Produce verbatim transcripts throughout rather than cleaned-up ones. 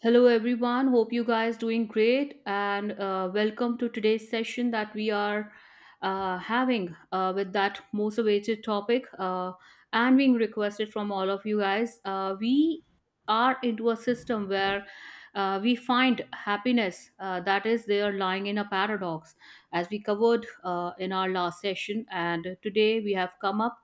Hello everyone. Hope you guys doing great and uh, welcome to today's session that we are uh, having uh, with that most awaited topic uh, and being requested from all of you guys. Uh, we are into a system where uh, we find happiness uh, that is there lying in a paradox, as we covered uh, in our last session. And today we have come up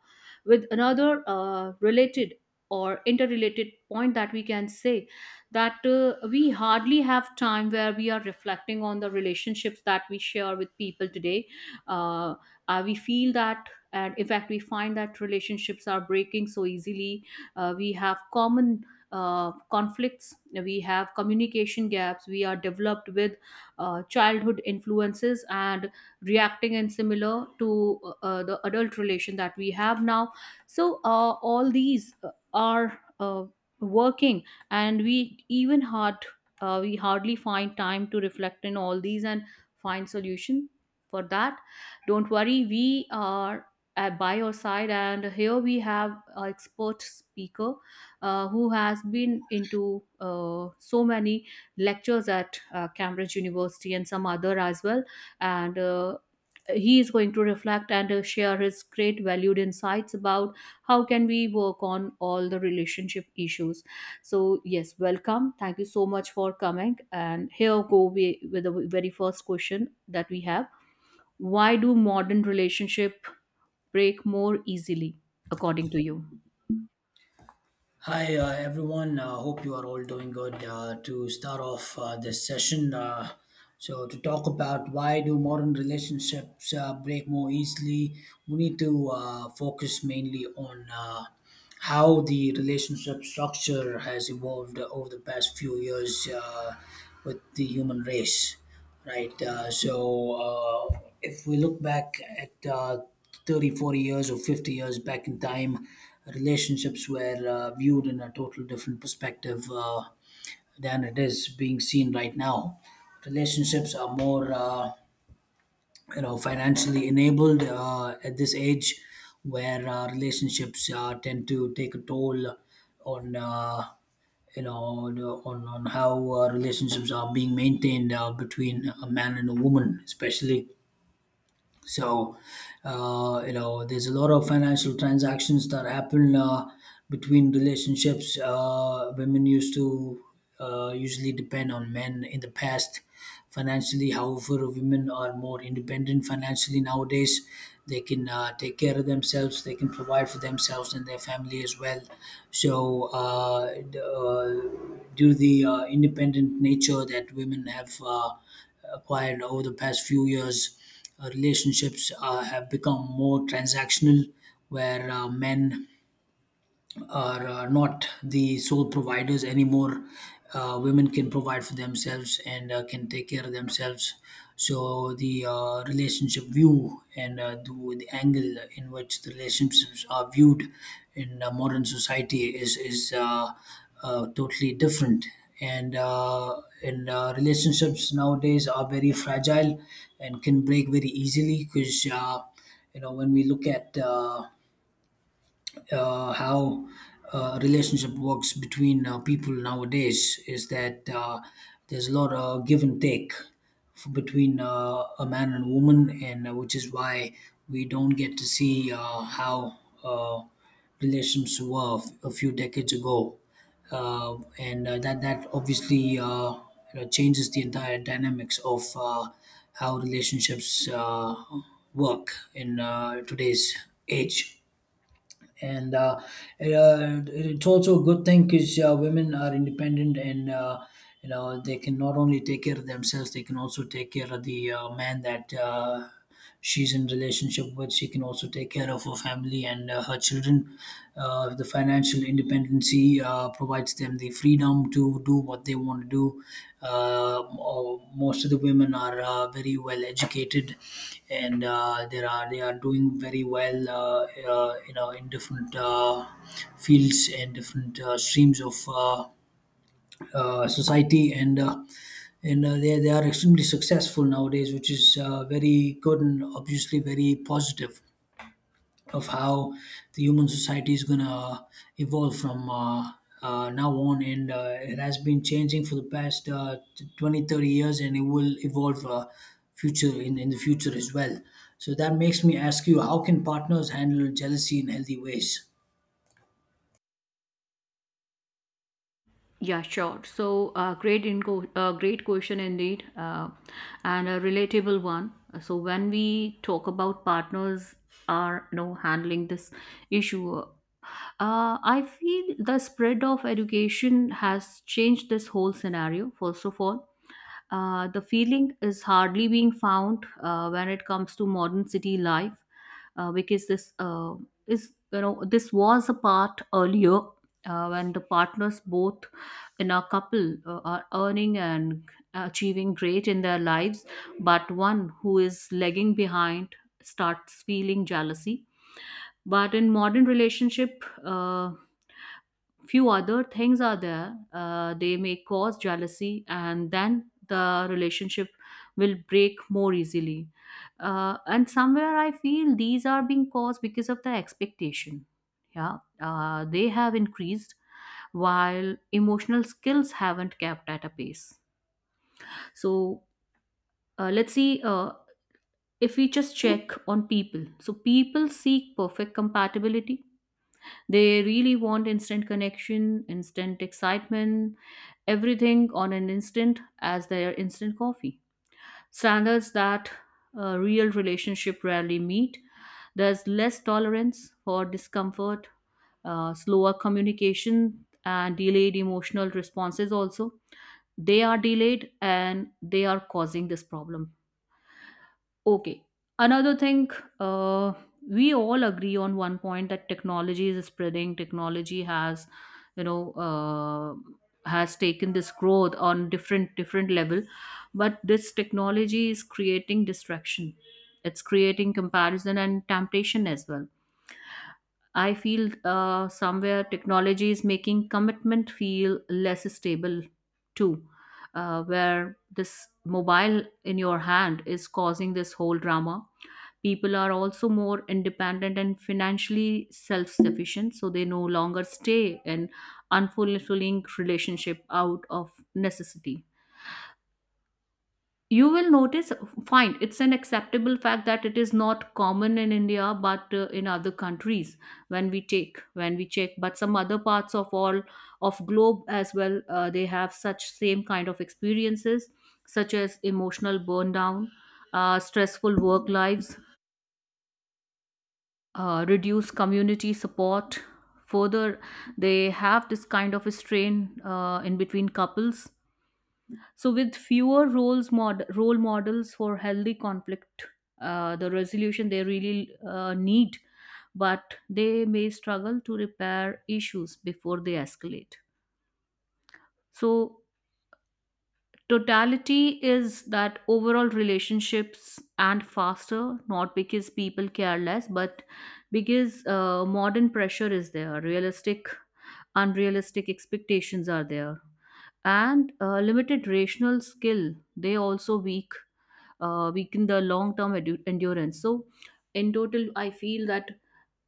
with another uh, related or interrelated point that we can say that uh, we hardly have time where we are reflecting on the relationships that we share with people today. Uh, uh, we feel that, and in fact, we find that relationships are breaking so easily. Uh, we have common uh, conflicts, we have communication gaps, we are developed with uh, childhood influences and reacting in similar to uh, uh, the adult relation that we have now. So, uh, all these uh, are uh, working and we even hard uh, we hardly find time to reflect in all these and find solution for that. Don't worry, we are uh, by your side, and here we have an expert speaker uh, who has been into uh, so many lectures at uh, Cambridge University and some other as well, and uh, he is going to reflect and uh, share his great valued insights about how can we work on all the relationship issues. So, yes, welcome. Thank you so much for coming. And here go we, with the very first question that we have. Why do modern relationship break more easily, according to you? Hi, uh, everyone. Uh, hope you are all doing good. Uh, to start off uh, this session, uh, so to talk about why do modern relationships uh, break more easily, we need to uh, focus mainly on uh, how the relationship structure has evolved over the past few years uh, with the human race. Right. Uh, so uh, if we look back at uh, thirty, forty years or fifty years back in time, relationships were uh, viewed in a total different perspective uh, than it is being seen right now. Relationships are more uh, you know financially enabled uh, at this age where uh, relationships uh, tend to take a toll on uh, you know on, on on how uh, relationships are being maintained uh, between a man and a woman, especially. So, uh, you know, there's a lot of financial transactions that happen uh, between relationships. Uh, women used to uh, usually depend on men in the past financially. However, women are more independent financially nowadays. They can uh, take care of themselves. They can provide for themselves and their family as well. So, uh, d- uh, due to the uh, independent nature that women have Uh, acquired over the past few years, Uh, relationships uh, have become more transactional, where uh, men are uh, not the sole providers anymore. Uh, women can provide for themselves and uh, can take care of themselves. So the uh, relationship view and uh, the, the angle in which the relationships are viewed in uh, modern society is is uh, uh, totally different. And uh, and uh, relationships nowadays are very fragile and can break very easily because, uh, you know when we look at uh, uh, how uh, relationship works between uh, people nowadays, is that uh, there's a lot of give and take f- between uh, a man and a woman, and uh, which is why we don't get to see uh, how uh, relations were f- a few decades ago, uh, and uh, that that obviously uh, you know, changes the entire dynamics of uh, how relationships uh, work in uh, today's age. and uh, it, uh, it's also a good thing because uh, women are independent, and uh, you know they can not only take care of themselves, they can also take care of the uh, man that uh, she's in relationship with. She can also take care of her family and uh, her children. Uh, the financial independence, dependency, uh, provides them the freedom to do what they want to do. Uh, mo- most of the women are uh, very well educated, and uh, there are they are doing very well uh, uh, you know, in different uh, fields and different uh, streams of uh, uh, society, and uh, and uh, they they are extremely successful nowadays, which is uh, very good and obviously very positive of how the human society is gonna uh, evolve from uh, uh, now on. And uh, it has been changing for the past uh, t- twenty thirty years, and it will evolve uh, future in, in the future as well. So that makes me ask you, how can partners handle jealousy in healthy ways? Yeah, sure. So, uh, great inco- uh, great question indeed, uh, and a relatable one. So, when we talk about partners are, you know, handling this issue, uh, I feel the spread of education has changed this whole scenario. First of all, Uh, the feeling is hardly being found uh, when it comes to modern city life uh, because this uh, is, you know, this was a part earlier uh, when the partners both in a couple uh, are earning and achieving great in their lives, but one who is lagging behind starts feeling jealousy. But in modern relationship uh, few other things are there, uh, they may cause jealousy and then the relationship will break more easily. Uh, and somewhere I feel these are being caused because of the expectation, yeah. Uh, they have increased while emotional skills haven't kept at a pace. So uh, let's see, uh, if we just check on people, so people seek perfect compatibility. They really want instant connection, instant excitement, everything on an instant as their instant coffee. Standards that a real relationship rarely meet. There's less tolerance for discomfort, uh, slower communication, and delayed emotional responses also. They are delayed and they are causing this problem. Okay. Another thing, uh, we all agree on one point that technology is spreading. Technology has, you know, uh, has taken this growth on different different level, but this technology is creating distraction. It's creating comparison and temptation as well. I feel uh, somewhere technology is making commitment feel less stable too, uh, where this mobile in your hand is causing this whole drama. People are also more independent and financially self sufficient, so they no longer stay in unfulfilling relationship out of necessity. You will notice, fine, it's an acceptable fact that it is not common in India, but uh, in other countries when we take, when we check, but some other parts of all of globe as well, uh, they have such same kind of experiences, such as emotional burn down, uh, stressful work lives, uh, reduce community support, further they have this kind of a strain uh, in between couples. So with fewer roles mod- role models for healthy conflict, uh, the resolution they really uh, need, but they may struggle to repair issues before they escalate. So totality is that overall relationships and faster, not because people care less, but because uh, modern pressure is there, realistic, unrealistic expectations are there, and uh, limited rational skill. They also weak, uh, weaken the long term edu- endurance. So, in total, I feel that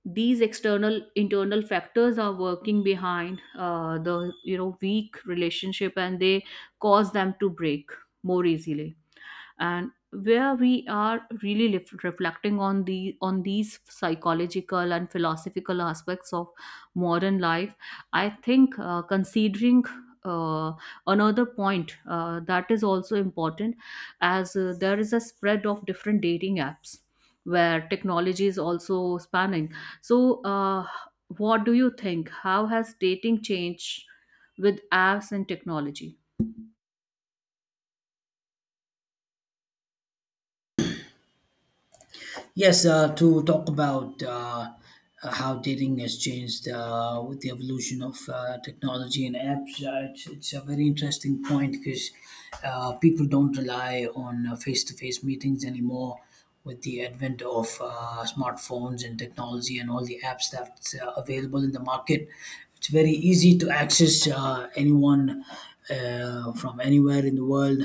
these external internal factors are working behind uh, the, you know, weak relationship and they cause them to break more easily. And where we are really lef- reflecting on the on these psychological and philosophical aspects of modern life, I think uh, considering uh, another point uh, that is also important as uh, there is a spread of different dating apps where technology is also spanning, so uh, what do you think, how has dating changed with apps and technology? Yes, uh, to talk about uh, how dating has changed uh, with the evolution of uh, technology and apps, uh, it's, it's a very interesting point, because uh, people don't rely on face to face meetings anymore with the advent of uh, smartphones and technology and all the apps that's uh, available in the market. It's very easy to access uh, anyone uh, from anywhere in the world.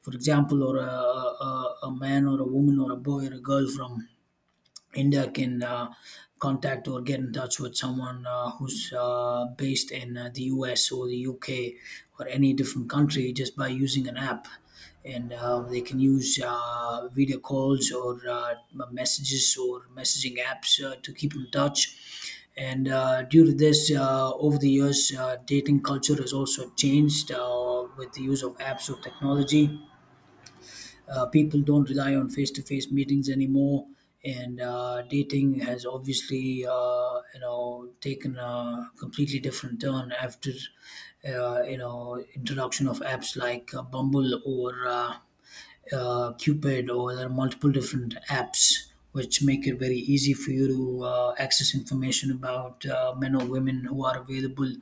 For example, or a, a, a a man or a woman or a boy or a girl from India can uh, contact or get in touch with someone uh, who's uh, based in uh, the U S or the U K or any different country just by using an app. And uh, they can use uh, video calls or uh, messages or messaging apps uh, to keep in touch. And uh, due to this, uh, over the years, uh, dating culture has also changed uh, with the use of apps or technology. Uh, people don't rely on face-to-face meetings anymore, and uh, dating has obviously, uh, you know, taken a completely different turn after, uh, you know, introduction of apps like uh, Bumble or. Uh, uh, Cupid, or there are multiple different apps which make it very easy for you to uh, access information about uh, men or women who are available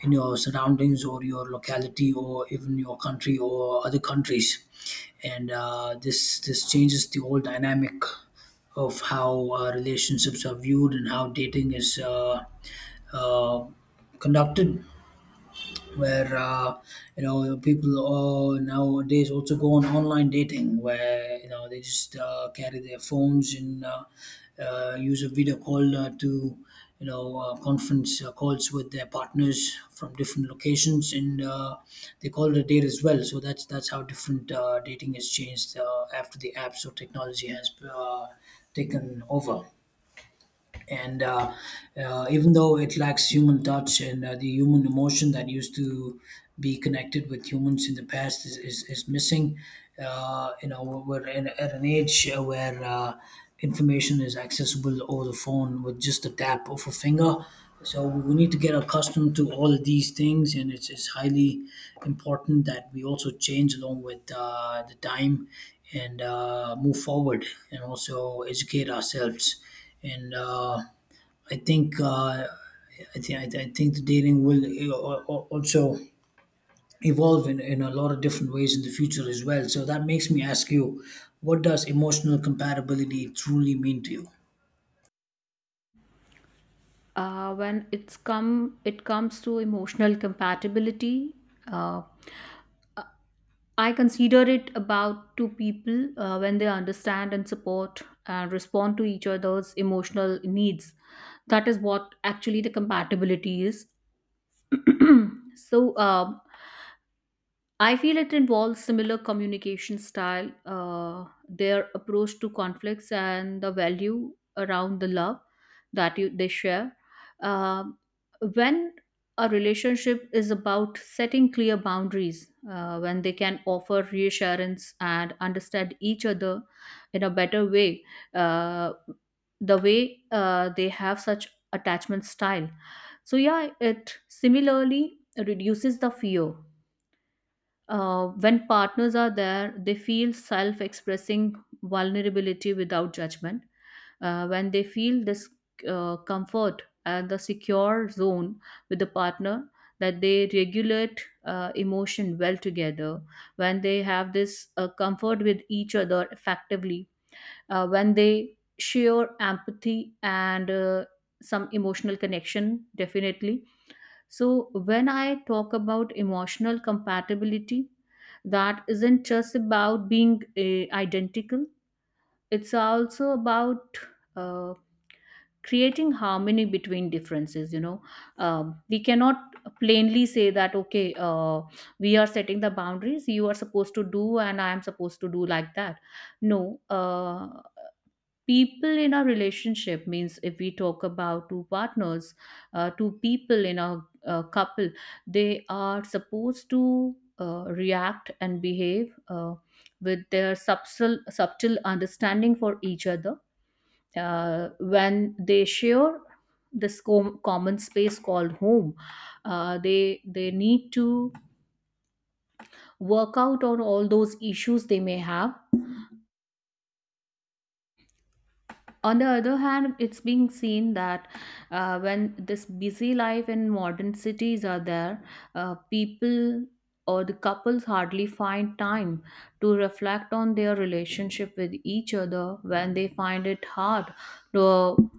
in your surroundings or your locality or even your country or other countries. And uh, this this changes the whole dynamic of how uh, relationships are viewed and how dating is uh, uh, conducted, where, uh, you know people uh, nowadays also go on online dating, where, you know they just uh, carry their phones and uh, uh, use a video call uh, to, you know uh, conference uh, calls with their partners from different locations, and uh, they call it a date as well. So that's that's how different uh, dating has changed uh, after the apps or technology has uh, taken over. And uh, uh, Even though it lacks human touch and uh, the human emotion that used to be connected with humans in the past is, is, is missing, uh, you know we're in, at an age uh, where uh, information is accessible over the phone with just a tap of a finger. So we need to get accustomed to all of these things, and it's, it's highly important that we also change along with uh, the time and uh, move forward and also educate ourselves. And uh, I think uh, I think I think the dating will uh, al- al- also evolve in, in a lot of different ways in the future as well. So that makes me ask you, what does emotional compatibility truly mean to you? Uh, when it's come it comes to emotional compatibility, uh, I consider it about two people uh, when they understand and support and respond to each other's emotional needs. That is what actually the compatibility is. So uh, I feel it involves similar communication style, uh, their approach to conflicts, and the value around the love that you, they share. Um, when a relationship is about setting clear boundaries, uh, when they can offer reassurance and understand each other in a better way, uh, the way uh, they have such attachment style. So yeah, it similarly reduces the fear uh, when partners are there, they feel self expressing vulnerability without judgment. Uh, when they feel this uh, comfort and the secure zone with the partner, that they regulate uh, emotion well together, when they have this uh, comfort with each other effectively, uh, when they share empathy and uh, some emotional connection, definitely. So, when I talk about emotional compatibility, that isn't just about being uh, identical, it's also about uh, creating harmony between differences. You know, um, we cannot plainly say that, okay, uh, we are setting the boundaries, you are supposed to do, and I am supposed to do like that. No, uh, people in our relationship means if we talk about two partners, uh, two people in a, uh couple, they are supposed to uh, react and behave uh, with their subtle subtle understanding for each other uh, when they share this com- common space called home. uh, they they need to work out on all those issues they may have. On the other hand, it's being seen that uh, when this busy life in modern cities are there, uh, people or the couples hardly find time to reflect on their relationship with each other, when they find it hard to,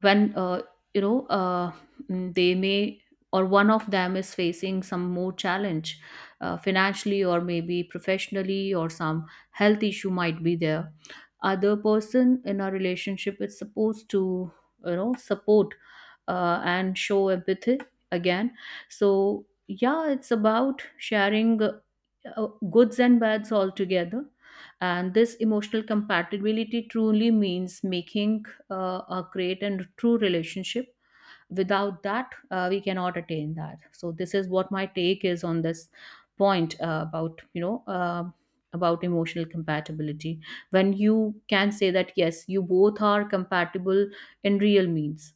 when uh, you know uh, mm, they may or one of them is facing some more challenge uh, financially or maybe professionally or some health issue might be there. Other person in a relationship is supposed to, you know, support uh, and show empathy again. So yeah, it's about sharing uh, uh, goods and bads all together, and this emotional compatibility truly means making uh, uh, create a great and true relationship. Without that, uh, we cannot attain that. So this is what my take is on this point uh, about you know uh, about emotional compatibility. When you can say that yes, you both are compatible in real means.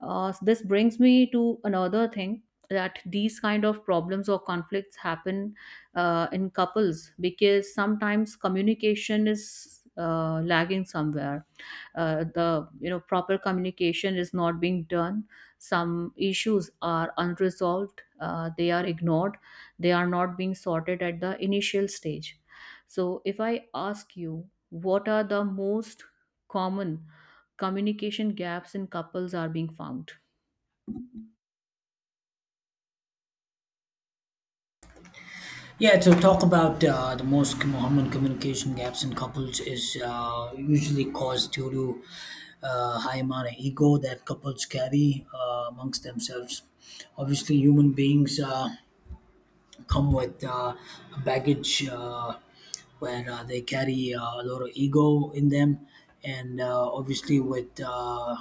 Uh, so this brings me to another thing, that these kind of problems or conflicts happen uh, in couples because sometimes communication is uh, lagging somewhere. Uh, the, you know, proper communication is not being done, some issues are unresolved, uh, they are ignored, they are not being sorted at the initial stage. So if I ask you, what are the most common communication gaps in couples are being found? Yeah, to talk about uh, the most common communication gaps in couples is uh, usually caused due to uh, high amount of ego that couples carry uh, amongst themselves. Obviously, human beings. Uh, come with uh, baggage, uh, where uh, they carry uh, a lot of ego in them. And uh, obviously, with uh,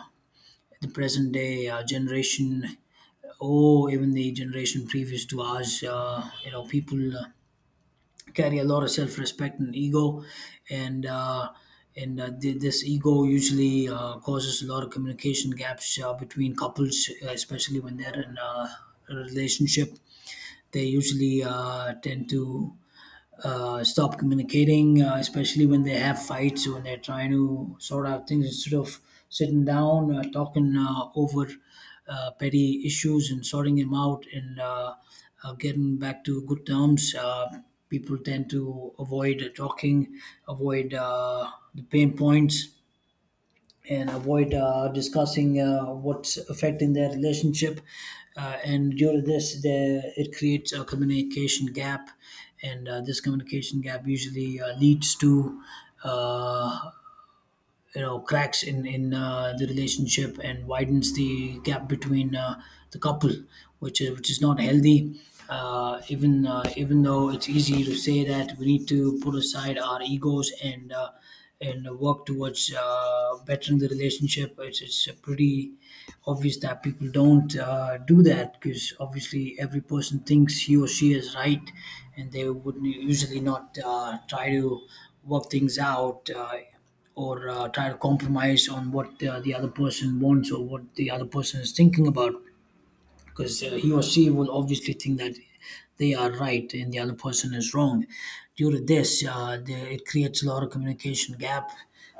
the present day uh, generation, or even the generation previous to us, uh, you know, people uh, carry a lot of self-respect and ego, and uh, and uh, th- this ego usually uh, causes a lot of communication gaps uh, between couples, uh, especially when they're in uh, a relationship. They usually uh, tend to uh, stop communicating, uh, especially when they have fights, when they're trying to sort out things instead of sitting down, uh, talking uh, over uh, petty issues and sorting them out and uh, uh, getting back to good terms. Uh, people tend to avoid uh, talking, avoid uh, the pain points, and avoid uh, discussing uh, what's affecting their relationship. Uh, and due to this, there, it creates a communication gap, and uh, this communication gap usually uh, leads to uh, you know cracks in in uh, the relationship, and widens the gap between uh, the couple, which is which is not healthy. Uh, even uh, even though it's easy to say that we need to put aside our egos and uh, and work towards uh, bettering the relationship, it's it's a pretty obvious that people don't uh, do that, because obviously every person thinks he or she is right, and they would usually not uh, try to work things out, uh, or uh, try to compromise on what uh, the other person wants or what the other person is thinking about, because uh, he or she will obviously think that they are right and the other person is wrong. Due to this, uh, the, it creates a lot of communication gap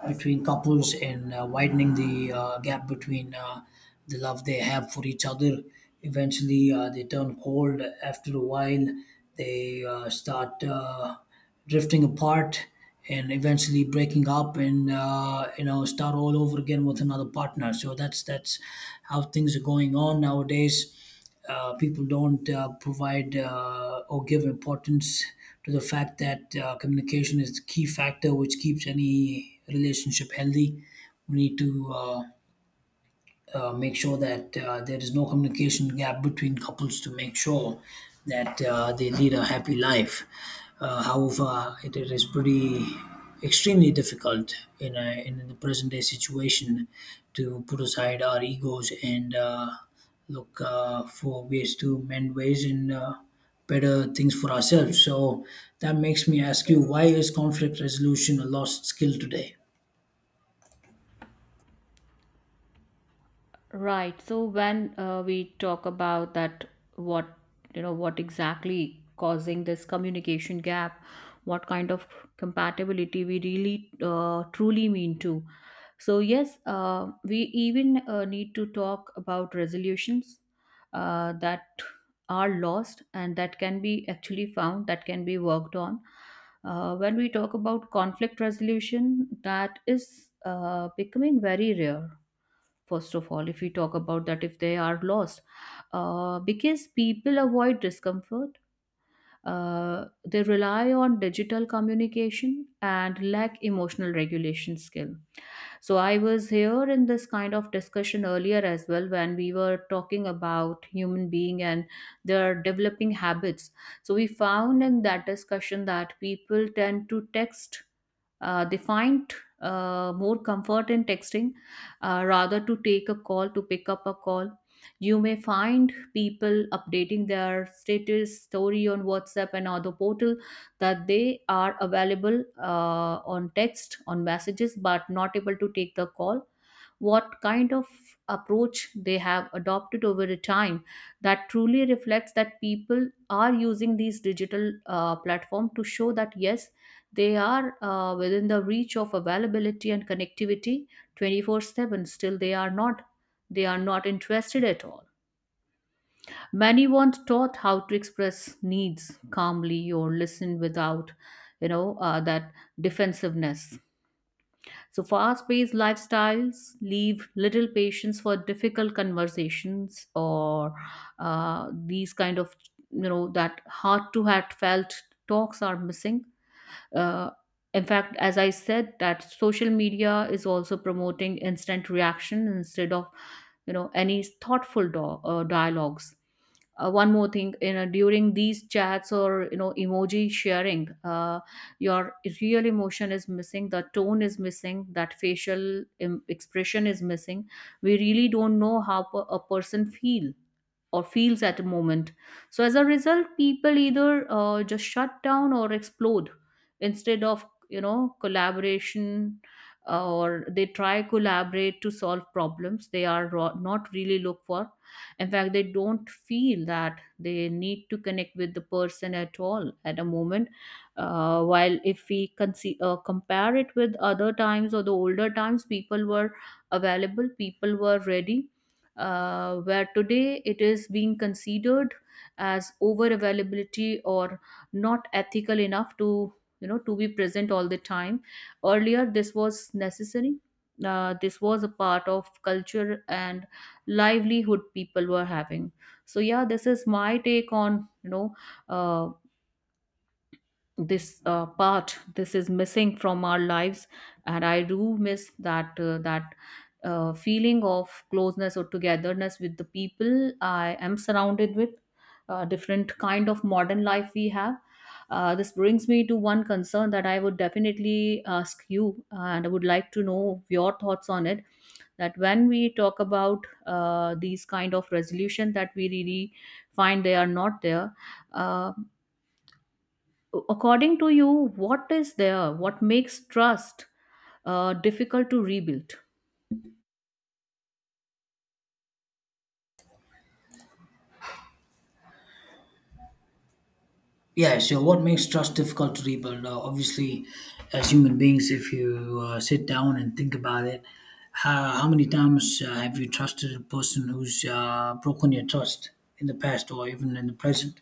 between couples, and uh, widening the uh, gap between uh, the love they have for each other. Eventually, uh, they turn cold after a while. They uh, start. Uh, drifting apart and eventually breaking up, and uh, you know start all over again with another partner. So that's that's how things are going on nowadays. Uh, people don't uh, provide uh, or give importance to the fact that uh, communication is the key factor which keeps any relationship healthy. We need to uh, uh, make sure that uh, there is no communication gap between couples, to make sure that uh, they lead a happy life. Uh, however, it, it is pretty extremely difficult in, a, in the present day situation to put aside our egos and uh, look uh, for ways to mend ways and uh, better things for ourselves. So that makes me ask you, why is conflict resolution a lost skill today? Right. So when uh, we talk about that, what, you know, what exactly causing this communication gap, what kind of compatibility we really uh, truly mean to. So yes, uh, we even uh, need to talk about resolutions uh, that are lost and that can be actually found, that can be worked on. Uh, when we talk about conflict resolution, that is uh, becoming very rare. First of all, if we talk about that, if they are lost, uh, because people avoid discomfort, uh, they rely on digital communication and lack emotional regulation skill. So I was here in this kind of discussion earlier as well when we were talking about human being and their developing habits. So we found in that discussion that people tend to text. Uh, they find uh, more comfort in texting uh, rather to take a call to pick up a call. You may find people updating their status story on WhatsApp and other portal that they are available uh, on text on messages but not able to take the call, what kind of approach they have adopted over a time that truly reflects that people are using these digital uh, platform to show that yes, they are uh, within the reach of availability and connectivity twenty four seven. Still they are not they are not interested at all. Many weren't taught how to express needs calmly or listen without you know uh, that defensiveness. So fast-paced lifestyles leave little patience for difficult conversations, or uh, these kind of you know that heart to heart felt talks are missing. uh, in fact, as I said, that social media is also promoting instant reaction instead of you know any thoughtful do- uh, dialogues. Uh, one more thing, you know, during these chats or, you know, emoji sharing, uh, your real emotion is missing, the tone is missing, that facial im- expression is missing. We really don't know how per- a person feel or feels at a moment. So as a result, people either uh, just shut down or explode instead of, you know, collaboration. Uh, or they try collaborate to solve problems they are ro- not really look for. In fact, they don't feel that they need to connect with the person at all at a moment. Uh, while if we conce- uh, compare it with other times or the older times, people were available, people were ready. Uh, where today it is being considered as over availability or not ethical enough to, you know, to be present all the time. Earlier this was necessary. Uh, this was a part of culture and livelihood people were having. So yeah, this is my take on, you know, uh, this uh, part, this is missing from our lives. And I do miss that uh, that uh, feeling of closeness or togetherness with the people I am surrounded with. Uh, different kind of modern life we have. Uh, this brings me to one concern that I would definitely ask you, uh, and I would like to know your thoughts on it, that when we talk about uh, these kind of resolution that we really find they are not there. uh, According to you, what is there? What makes trust uh, difficult to rebuild? Yeah, so what makes trust difficult to rebuild? Uh, obviously, as human beings, if you uh, sit down and think about it, how, how many times uh, have you trusted a person who's uh, broken your trust in the past or even in the present?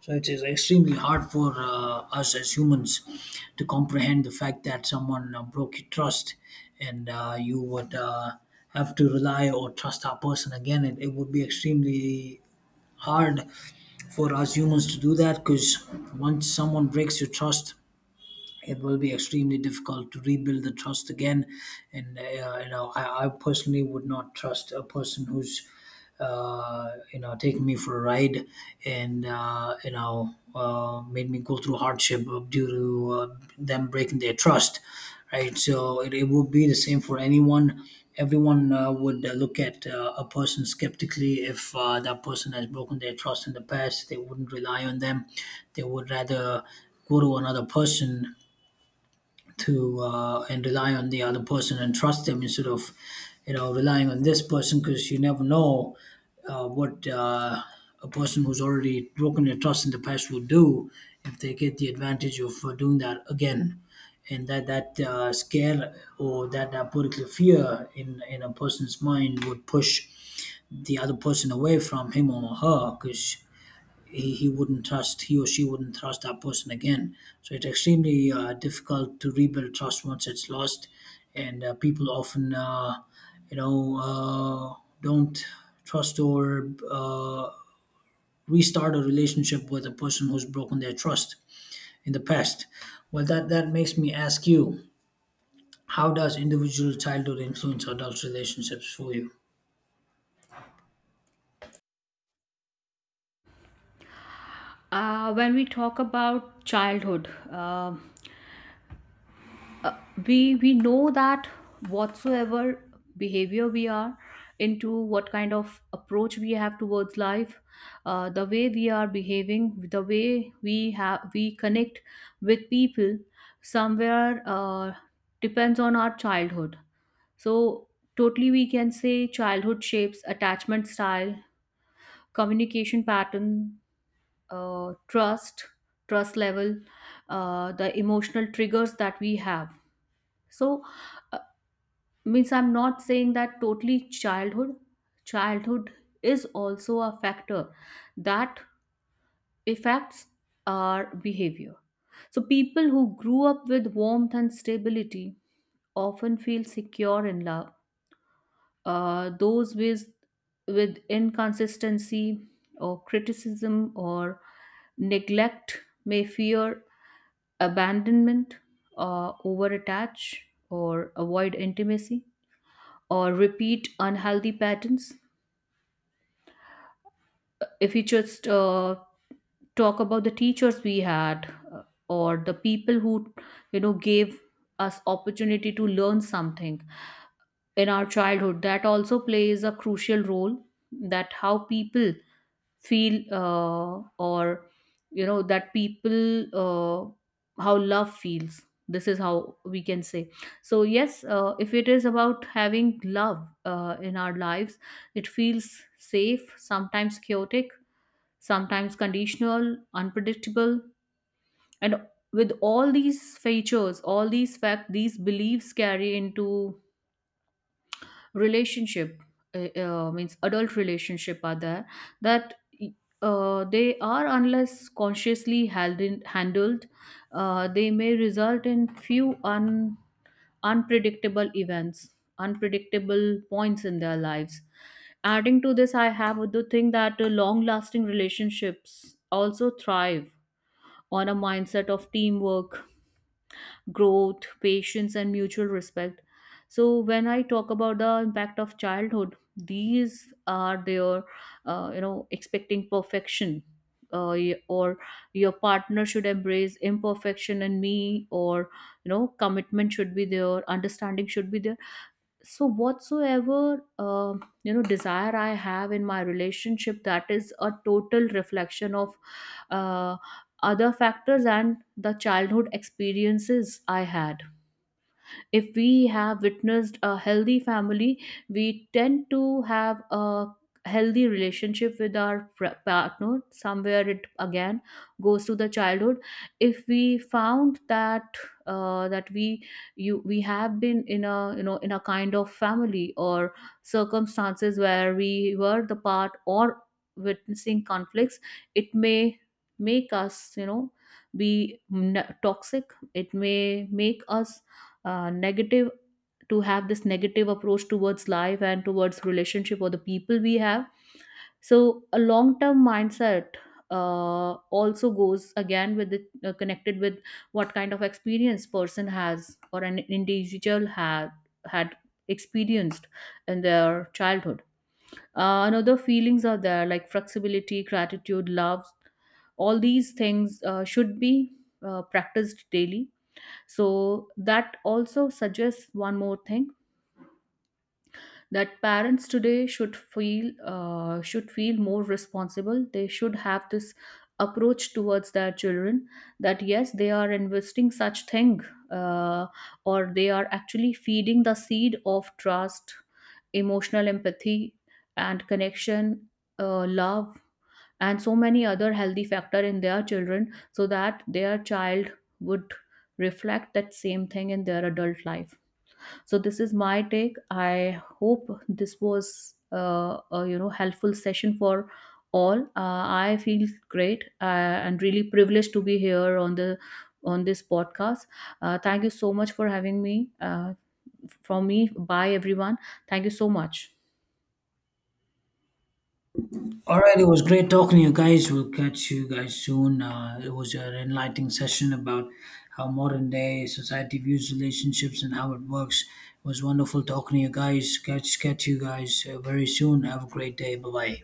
So it is extremely hard for uh, us as humans to comprehend the fact that someone uh, broke your trust, and uh, you would uh, have to rely or trust that person again. It, it would be extremely hard for us humans to do that, because once someone breaks your trust, it will be extremely difficult to rebuild the trust again. And, uh, you know, I, I personally would not trust a person who's, uh, you know taking me for a ride, and uh, you know uh, made me go through hardship due to uh, them breaking their trust, right? So it, it would be the same for anyone. Everyone uh, would uh, look at uh, a person skeptically if uh, that person has broken their trust in the past. They wouldn't rely on them. They would rather go to another person to uh, and rely on the other person and trust them, instead of you know relying on this person, because you never know uh, what uh, a person who's already broken your trust in the past will do if they get the advantage of uh, doing that again. And that that uh, scare, or that, that particular fear in in a person's mind would push the other person away from him or her, because he, he wouldn't trust, he or she wouldn't trust that person again. So it's extremely uh, difficult to rebuild trust once it's lost, and uh, people often, uh, you know uh, don't trust or uh, restart a relationship with a person who's broken their trust in the past. Well, that that makes me ask you, how does individual childhood influence adult relationships for you? Uh, when we talk about childhood, um, uh, we we know that whatsoever behavior we are into, what kind of approach we have towards life, uh, the way we are behaving, the way we have we connect with people, somewhere uh, depends on our childhood. So totally, we can say childhood shapes attachment style, communication pattern, uh, trust, trust level, uh, the emotional triggers that we have. So, uh, means I'm not saying that totally childhood. Childhood is also a factor that affects our behavior. So people who grew up with warmth and stability often feel secure in love. Uh, those with with inconsistency or criticism or neglect may fear abandonment, uh, over attach or avoid intimacy or repeat unhealthy patterns. If we just uh, talk about the teachers we had, uh, or the people who, you know, gave us opportunity to learn something in our childhood, that also plays a crucial role, that how people feel, uh, or, you know, that people uh, how love feels. This is how we can say. So yes, uh, if it is about having love uh, in our lives, it feels safe, sometimes chaotic, sometimes conditional, unpredictable. And with all these features, all these facts, these beliefs carry into relationship. Uh, uh, means adult relationship are there, that uh, they are unless consciously held in, handled, uh, they may result in few un, unpredictable events, unpredictable points in their lives. Adding to this, I have the thing that long lasting relationships also thrive on a mindset of teamwork, growth, patience, and mutual respect. So when I talk about the impact of childhood, these are their, uh, you know, expecting perfection. Uh, y- or your partner should embrace imperfection in me, or, you know, commitment should be there, understanding should be there. So whatsoever uh, you know, desire I have in my relationship, that is a total reflection of uh, other factors and the childhood experiences I had. If we have witnessed a healthy family, we tend to have a healthy relationship with our pr- partner. Somewhere it again goes to the childhood. If we found that uh, that we you we have been in a, you know, in a kind of family or circumstances where we were the part or witnessing conflicts, it may make us, you know, be n- toxic, it may make us uh, negative, to have this negative approach towards life and towards relationship or the people we have. So a long term mindset uh, also goes again with the uh, connected with what kind of experience person has or an individual had had experienced in their childhood. Uh, another feelings are there, like flexibility, gratitude, love, all these things uh, should be uh, practiced daily. So that also suggests one more thing, that parents today should feel uh, should feel more responsible. They should have this approach towards their children, that yes, they are investing such thing, uh, or they are actually feeding the seed of trust, emotional empathy, and connection, uh, love, and so many other healthy factor in their children, so that their child would reflect that same thing in their adult life. So this is my take. I hope this was uh, a, you know, helpful session for all. uh, I feel great uh, and really privileged to be here on the on this podcast. Uh, thank you so much for having me. Uh, from me, bye everyone. Thank you so much. All right, it was great talking to you guys. We'll catch you guys soon. Uh, it was an enlightening session about how modern day society views relationships and how it works. It was wonderful talking to you guys. Catch catch you guys uh, very soon. Have a great day. Bye bye.